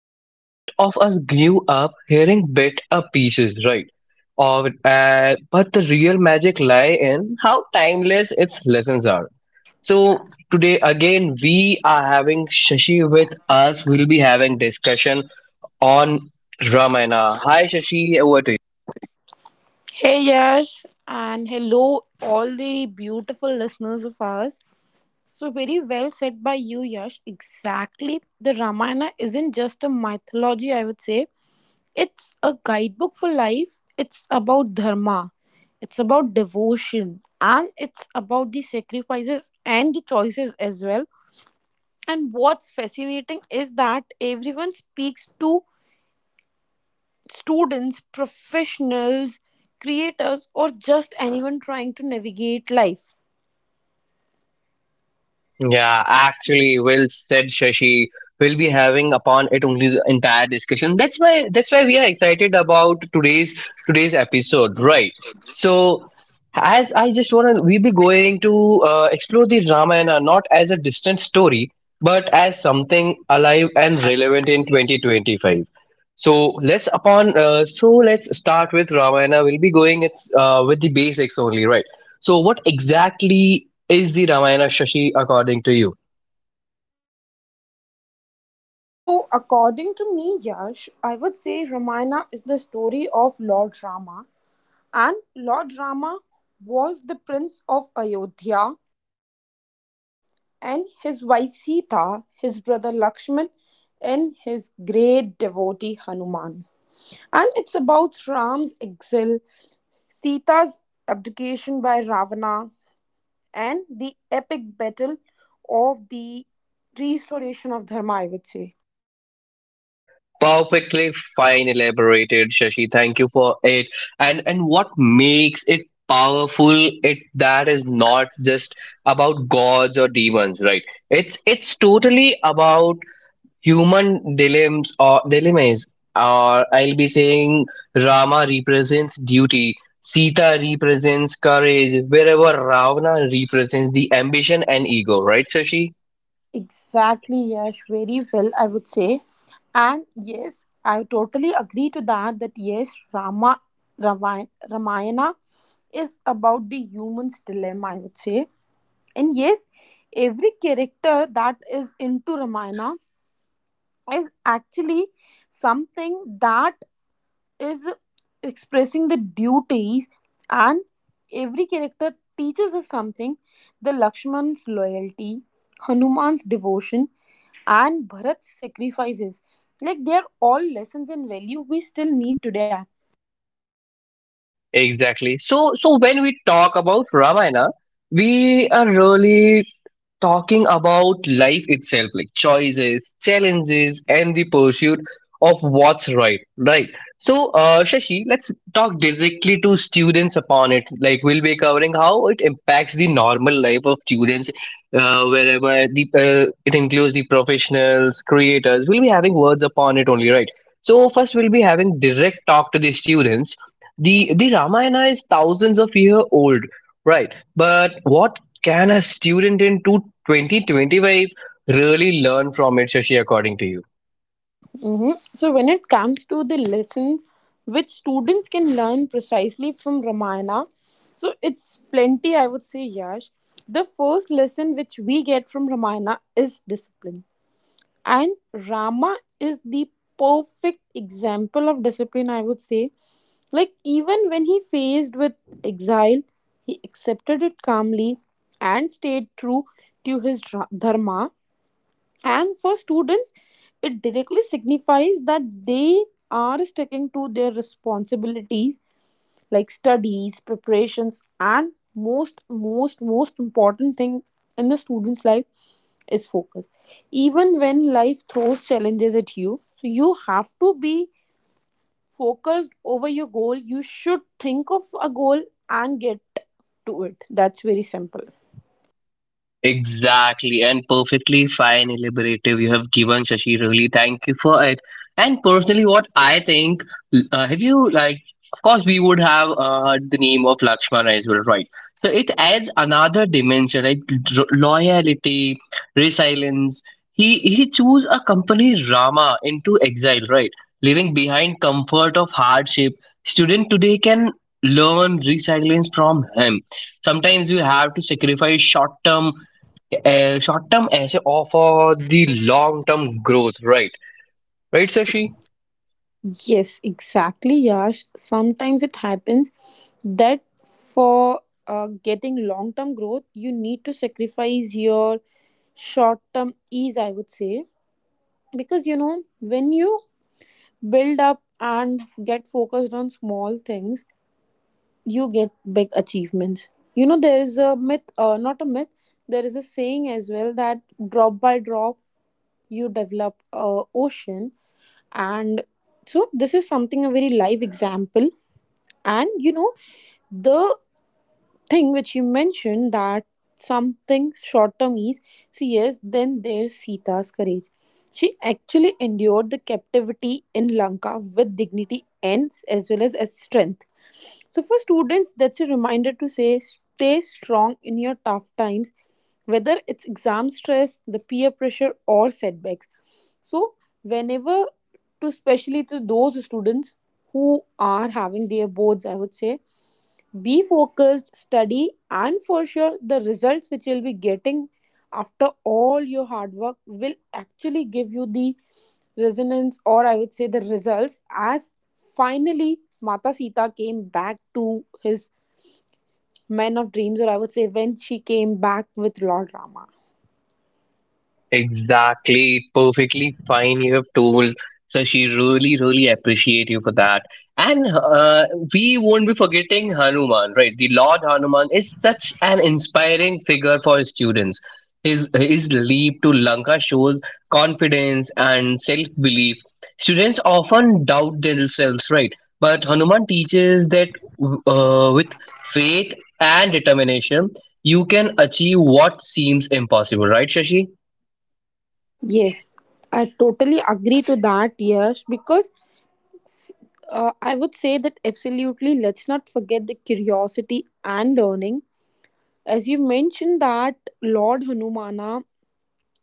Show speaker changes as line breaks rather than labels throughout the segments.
Now most of us grew up hearing bit a pieces, right? Of but the real magic lie in how timeless its lessons are. So today again we are having Shashi with us. We'll be having discussion on Ramayana. Hi Shashi, over to.
Hey Yash, and hello all the beautiful listeners of ours. So very well said by you, Yash. Exactly, the Ramayana isn't just a mythology. I would say it's a guidebook for life. It's about dharma, it's about devotion, and it's about the sacrifices and the choices as well. And what's fascinating is that everyone speaks to students, professionals, creators, or just anyone trying to navigate life.
Yeah, actually, well said, Shashi. We'll be having upon it only the entire discussion. That's why we are excited about today's episode, right? So, as I just wanna, we'll be going to explore the Ramayana not as a distant story, but as something alive and relevant in 2025. So let's upon so let's start with Ramayana. We'll be going with the basics only, right? So what exactly is the Ramayana Shashi according to you?
So, according to me, Yash, I would say Ramayana is the story of Lord Rama, and Lord Rama was the prince of Ayodhya, and his wife Sita, his brother Lakshman, and his great devotee Hanuman. And it's about Ram's exile, Sita's abdication by Ravana, and the epic battle of the restoration of Dharma, I would say.
Perfectly fine elaborated, Shashi. Thank you for it. And what makes it powerful? It that is not just about gods or demons, right? It's totally about human dilemmas or dilemmas. Or I'll be saying Rama represents duty. Sita represents courage, wherever Ravana represents the ambition and ego, right, Shashi?
Exactly, Yash, very well, I would say. And yes, I totally agree to that, that yes, Rama, Ramayana is about the human's dilemma, I would say. And yes, every character that is into Ramayana is actually something that is expressing the duties, and every character teaches us something: the Lakshman's loyalty, Hanuman's devotion, and Bharat's sacrifices. Like, they are all lessons and value we still need today.
Exactly. So, so when we talk about Ramayana, we are really talking about life itself, like choices, challenges, and the pursuit of what's right, right? So, Shashi, let's talk directly to students upon it. Like, we'll be covering how it impacts the normal life of students, wherever the it includes the professionals, creators. We'll be having words upon it only, right? So, first, we'll be having direct talk to the students. The Ramayana is thousands of year old, right? But what can a student in 2025 really learn from it, Shashi, according to you?
hmm so when it comes to the lesson which students can learn precisely from Ramayana, so it's plenty, I would say, Yash. The first lesson which we get from Ramayana is discipline. And Rama is the perfect example of discipline, I would say. Like, even when he faced with exile, he accepted it calmly and stayed true to his dharma. And for students, it directly signifies that they are sticking to their responsibilities like studies, preparations, and most important thing in a student's life is focus. Even when life throws challenges at you, so you have to be focused over your goal. You should think of a goal and get to it. That's very simple.
Exactly, and perfectly fine, elaborative you have given, Shashi. Really, thank you for it. And personally, what I think, have you like? Of course, we would have heard the name of Lakshman as well, right? So it adds another dimension, like loyalty, resilience. He chose a company Rama into exile, right? Leaving behind comfort of hardship. Student today can learn resilience from him. Sometimes you have to sacrifice short-term as a- of the long-term growth, right? Right, Sashi?
Yes, exactly, Yash. Sometimes it happens that for getting long term growth, you need to sacrifice your short term ease, I would say. Because you know, when you build up and get focused on small things, you get big achievements. You know, there is a myth, not a myth, there is a saying as well that drop by drop you develop a ocean. And so this is something, a very live example. And you know, the thing which you mentioned, that something short term is. So yes, then there's Sita's courage. She actually endured the captivity in Lanka with dignity and as well as strength. So for students, that's a reminder to say stay strong in your tough times, whether it's exam stress, the peer pressure, or setbacks. So, whenever, to especially to those students who are having their boards, I would say be focused, study, and for sure, the results which you'll be getting after all your hard work will actually give you the resonance, or I would say the results. As finally Mata Sita came back to his men of dreams, or I would say when she came back with Lord Rama.
Exactly, perfectly fine. You have told. So she really, really appreciate you for that. And we won't be forgetting Hanuman, right? The Lord Hanuman is such an inspiring figure for his students. His leap to Lanka shows confidence and self belief. Students often doubt themselves, right? But Hanuman teaches that with faith and determination, you can achieve what seems impossible, right, Shashi?
Yes, I totally agree to that, Yes, because I would say that absolutely, let's not forget the curiosity and learning. As you mentioned, that Lord Hanumana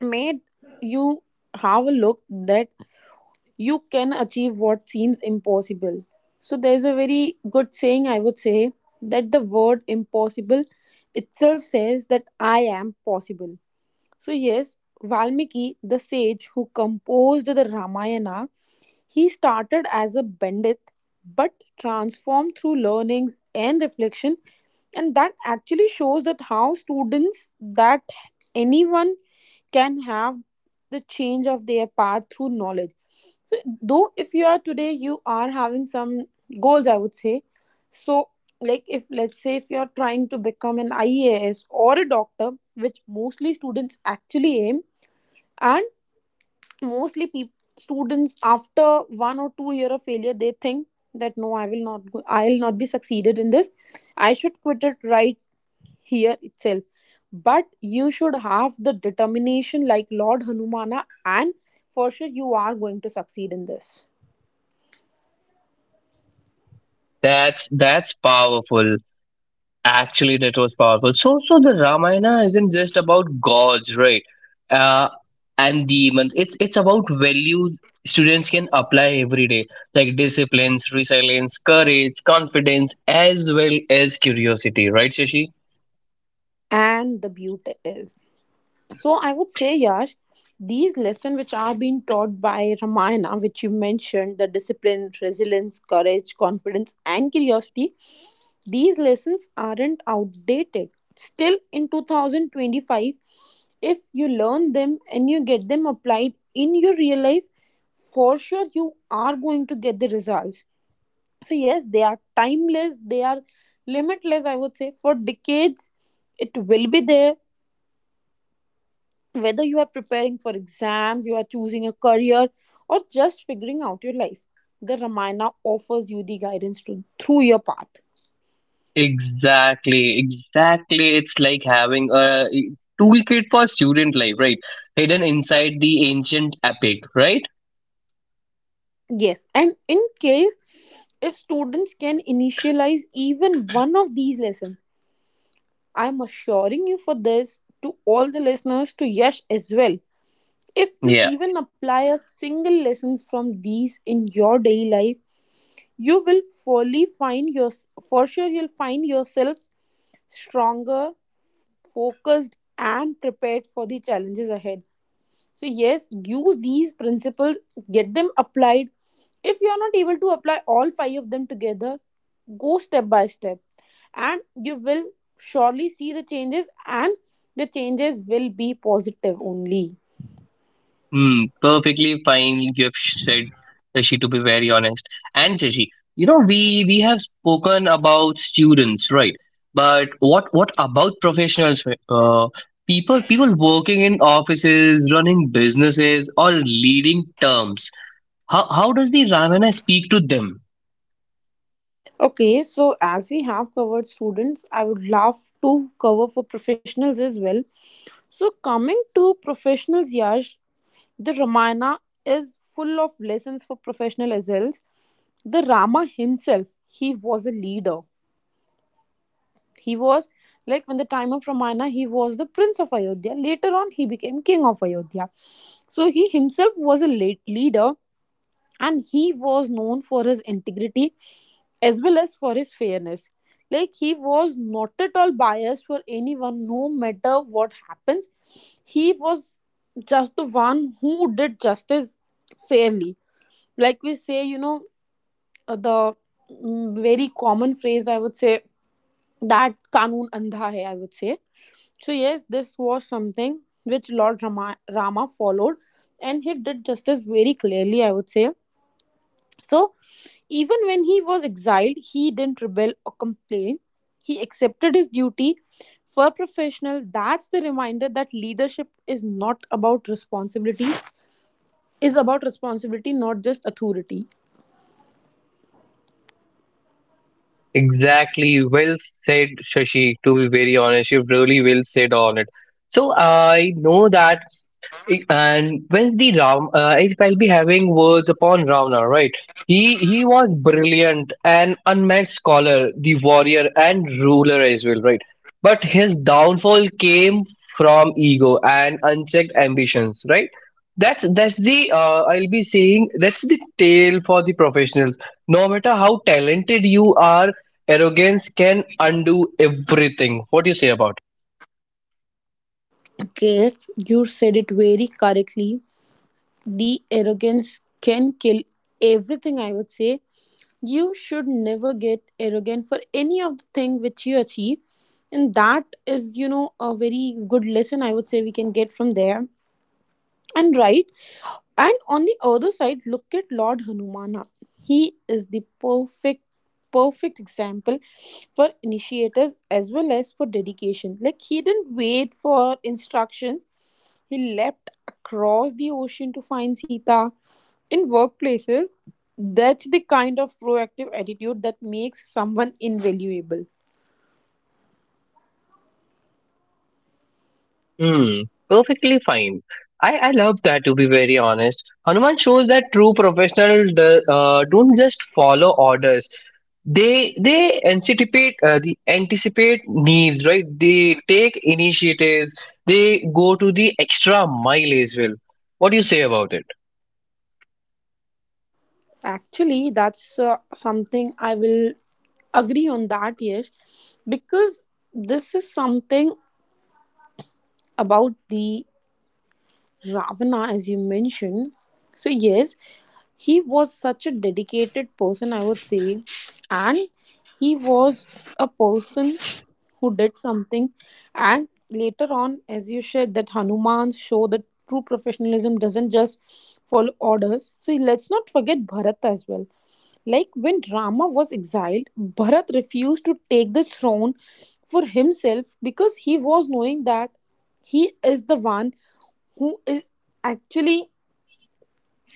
made you have a look that you can achieve what seems impossible. So, there's a very good saying, I would say, that the word impossible itself says that I am possible. So, yes, Valmiki, the sage who composed the Ramayana, he started as a Pandit but transformed through learnings and reflection, and that actually shows that how students, that anyone can have the change of their path through knowledge. So, though if you are today, you are having some goals, I would say. So, like, if let's say if you're trying to become an IAS or a doctor, which mostly students actually aim, and mostly people, students, after 1 or 2 year of failure, they think that no, I will not go, I'll not be succeeded in this. I should quit it, right here itself. But you should have the determination like Lord Hanumana, and for sure you are going to succeed in this.
That's powerful. Actually, that was powerful. So, so the Ramayana isn't just about gods, right? Uh, and demons. It's about values students can apply every day, like disciplines, resilience, courage, confidence, as well as curiosity, right, Shashi?
And the beauty is, so I would say, Yash, these lessons which are being taught by Ramayana, which you mentioned, the discipline, resilience, courage, confidence, and curiosity, these lessons aren't outdated. Still in 2025, if you learn them and you get them applied in your real life, for sure you are going to get the results. So, yes, they are timeless, they are limitless, I would say. For decades, it will be there, whether you are preparing for exams, you are choosing a career, or just figuring out your life, the Ramayana offers you the guidance to, through your path.
Exactly, exactly. It's like having a toolkit for student life, right? Hidden inside the ancient epic, right?
Yes, and in case if students can initialize even one of these lessons, I'm assuring you for this to all the listeners, to Yash as well. If you
Yeah.
even apply a single lessons from these in your daily life, you will fully find your, for sure you'll find yourself stronger, focused, and prepared for the challenges ahead. So, yes, use these principles, get them applied. If you are not able to apply all five of them together, go step by step, and you will surely see the changes, and the changes will be positive only.
Hmm. Perfectly fine. You have said Shashi to be very honest. And Shashi, you know, we have spoken about students, right? But what about professionals? Right? People working in offices, running businesses, or leading terms. How does the Ramana speak to them?
Okay, so as we have covered students, I would love to cover for professionals as well. So, coming to professionals, Yash, the Ramayana is full of lessons for professional as well. The Rama himself, he was a leader. He was, like, when the time of Ramayana, he was the prince of Ayodhya. Later on, he became king of Ayodhya. So he himself was a late leader, and he was known for his integrity as well as for his fairness. Like, he was not at all biased for anyone, no matter what happens. He was just the one who did justice fairly. Like, we say, you know, the very common phrase, I would say, that kanun andha hai, I would say. So yes, this was something which Lord Rama, Rama followed, and he did justice very clearly, I would say. So, even when he was exiled, he didn't rebel or complain. He accepted his duty. For professional, that's the reminder that leadership is not about responsibility, is about responsibility, not just authority.
Exactly. Well said, Shashi. To be very honest, you really well said on it. So I know that and when the if I'll be having words upon Ravana, right? He was brilliant, an unmatched scholar, the warrior and ruler as well, right? But his downfall came from ego and unchecked ambitions, right? That's the I'll be saying that's the tale for the professionals. No matter how talented you are, arrogance can undo everything. What do you say about it?
Gates, you said it very correctly. The arrogance can kill everything, I would say. You should never get arrogant for any of the thing which you achieve. And that is, you know, a very good lesson, I would say, we can get from there. And right, and on the other side, look at Lord Hanumana. He is the perfect example for initiators as well as for dedication. Like, he didn't wait for instructions. He leapt across the ocean to find Sita. In workplaces, that's the kind of proactive attitude that makes someone invaluable.
Hmm, perfectly fine. I love that to be very honest. Hanuman shows that true professionals don't just follow orders. They anticipate needs, right? They take initiatives. They go to the extra mile as well. What do you say about it?
Actually, that's something I will agree on that, Yes, because this is something about the Ravana, as you mentioned. So, yes, he was such a dedicated person, I would say, and he was a person who did something. And later on, as you said, that Hanuman show that true professionalism doesn't just follow orders. So, let's not forget Bharat as well. Like, when Rama was exiled, Bharat refused to take the throne for himself, because he was knowing that he is the one who is actually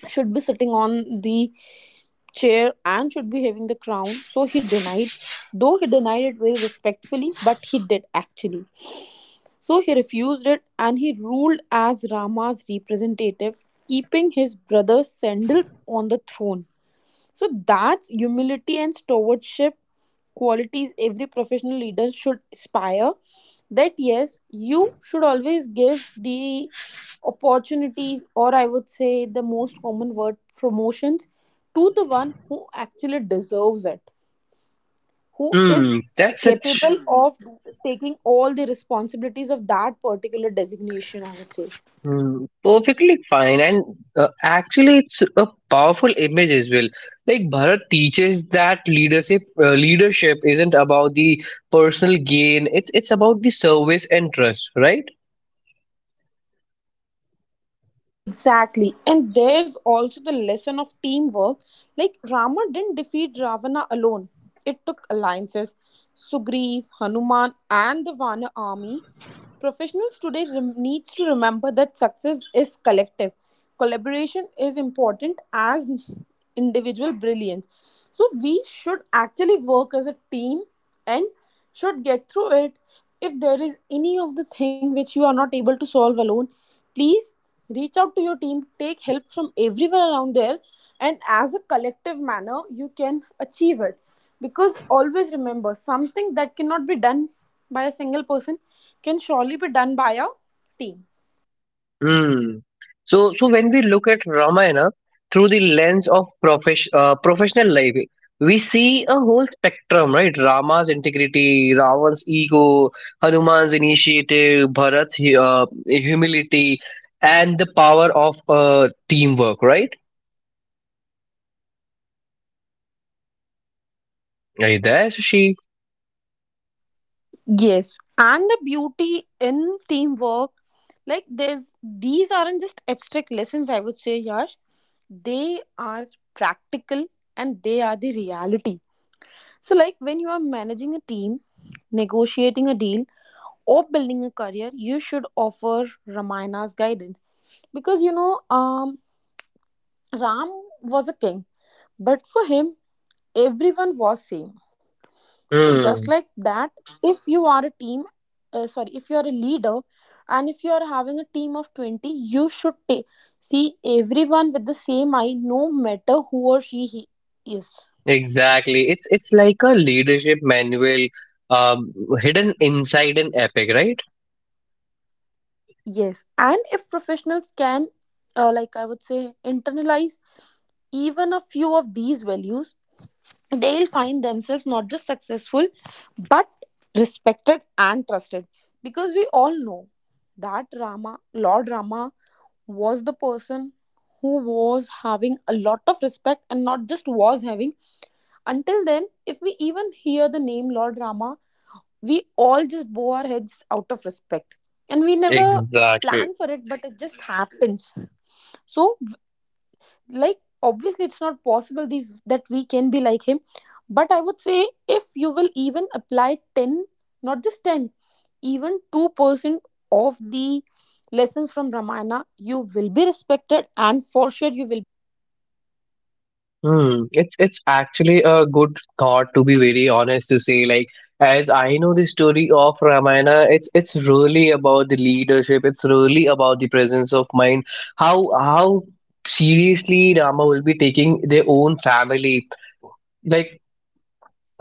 should be sitting on the chair and should be having the crown. So he denied, though he denied it very respectfully, but he did actually. So he refused it and he ruled as Rama's representative, keeping his brother Sandal's on the throne. So that's humility and stewardship, qualities every professional leader should aspire. That yes, you should always give the opportunities, or I would say the most common word, promotions, to the one who actually deserves it, who is
Hmm, that's such.
capable of taking all the responsibilities of that particular designation, I would say.
Hmm, perfectly fine, and actually, it's a powerful image as well. Like Bharat teaches that leadership isn't about the personal gain; it's about the service and trust, right?
Exactly. And there's also the lesson of teamwork. Like, Rama didn't defeat Ravana alone. It took alliances: Sugriv, Hanuman, and the Vana army. Professionals today needs to remember that success is collective. Collaboration is important as individual brilliance. So we should actually work as a team and should get through it. If there is any of the thing which you are not able to solve alone, please reach out to your team, take help from everyone around there, and as a collective manner you can achieve it. Because always remember something that cannot be done by a single person can surely be done by a team.
Mm. So, so when we look at Ramayana through the lens of professional life, we see a whole spectrum, right? Rama's integrity, Ravan's ego, Hanuman's initiative, Bharat's humility, and the power of teamwork, right? Are you there, Shashi?
Yes, and the beauty in teamwork, like, there's, these aren't just abstract lessons, I would say, Yash. They are practical, and they are the reality. So, like, when you are managing a team, negotiating a deal, or building a career, you should offer Ramayana's guidance. Because you know, Ram was a king, but for him, everyone was same. So just
Hmm.
like that, if you are a team, sorry, if you are a leader, and if you are having a team of 20, you should take, see everyone with the same eye, no matter who or she he is.
Exactly. It's like a leadership manual, um, hidden inside an epic, right?
Yes, and if professionals can, like I would say, internalize even a few of these values, they'll find themselves not just successful but respected and trusted. Because we all know that Rama, Lord Rama, was the person who was having a lot of respect, and not just was having, until then if we even hear the name Lord Rama, we all just bow our heads out of respect, and we never
Exactly.
plan for it, but it just happens. So, like, obviously it's not possible, that we can be like him, but I would say if you will even apply 10, not just 10, even 2% of the lessons from Ramayana, you will be respected and for sure you will be trusted.
Hmm, it's actually a good thought to be very honest to say. Like as I know the story of Ramayana, it's really about the leadership. It's really about the presence of mind. How seriously Rama will be taking their own family. Like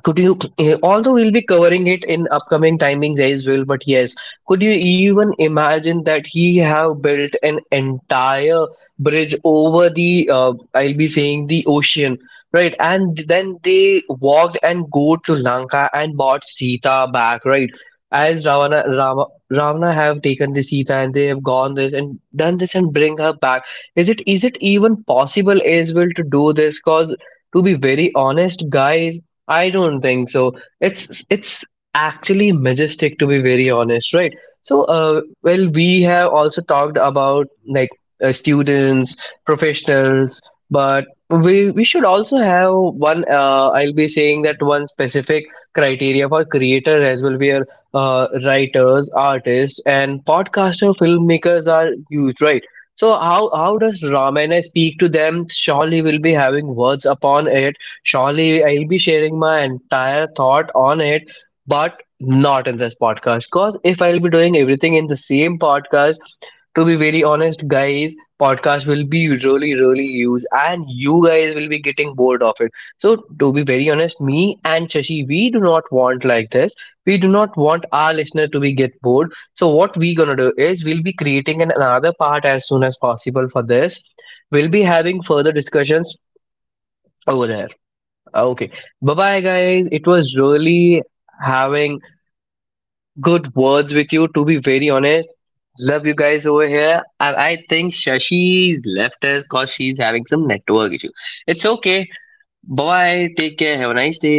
could you although we'll be covering it in upcoming timings as well, but yes, could you even imagine that he have built an entire bridge over the I'll be saying the ocean, right? And then they walked and go to Lanka and bought Sita back, right? As ravana Rama, ravana have taken the Sita and they have gone this and done this and bring her back. Is it even possible as well to do this cause to be very honest guys I don't think so. It's actually majestic to be very honest, right? So, well, we have also talked about like students, professionals, but we should also have one. I'll be saying that one specific criteria for creators as well. We are writers, artists, and podcaster filmmakers are huge, right? So how does Ramana speak to
Mhm.
them?
For
Surely
sure,
we'll be
Yash, we
having words
should be
upon
having a
it.
criteria
Surely I'll be sharing my
for creators
entire
as
thought
well.
on it,
And as you
but
mentioned,
not in this
Yash,
podcast. Because if I'll be
that
doing everything in the same podcast, to be very honest, guys, podcast will be really, really used and you guys will be getting bored of it. So, to be very honest, me and Shashi, we do not want like this. We do not want our listener to be get bored. So, what we gonna do is we'll be creating an, another part as soon as possible for this. We'll be having further discussions over there. Ah, okay. Bye bye, guys. It was really having good words with you, to be very honest. Love you guys over here. And I think Shashi's left us because she's having some network issue. It's okay. Bye bye. Take care. Have a nice day.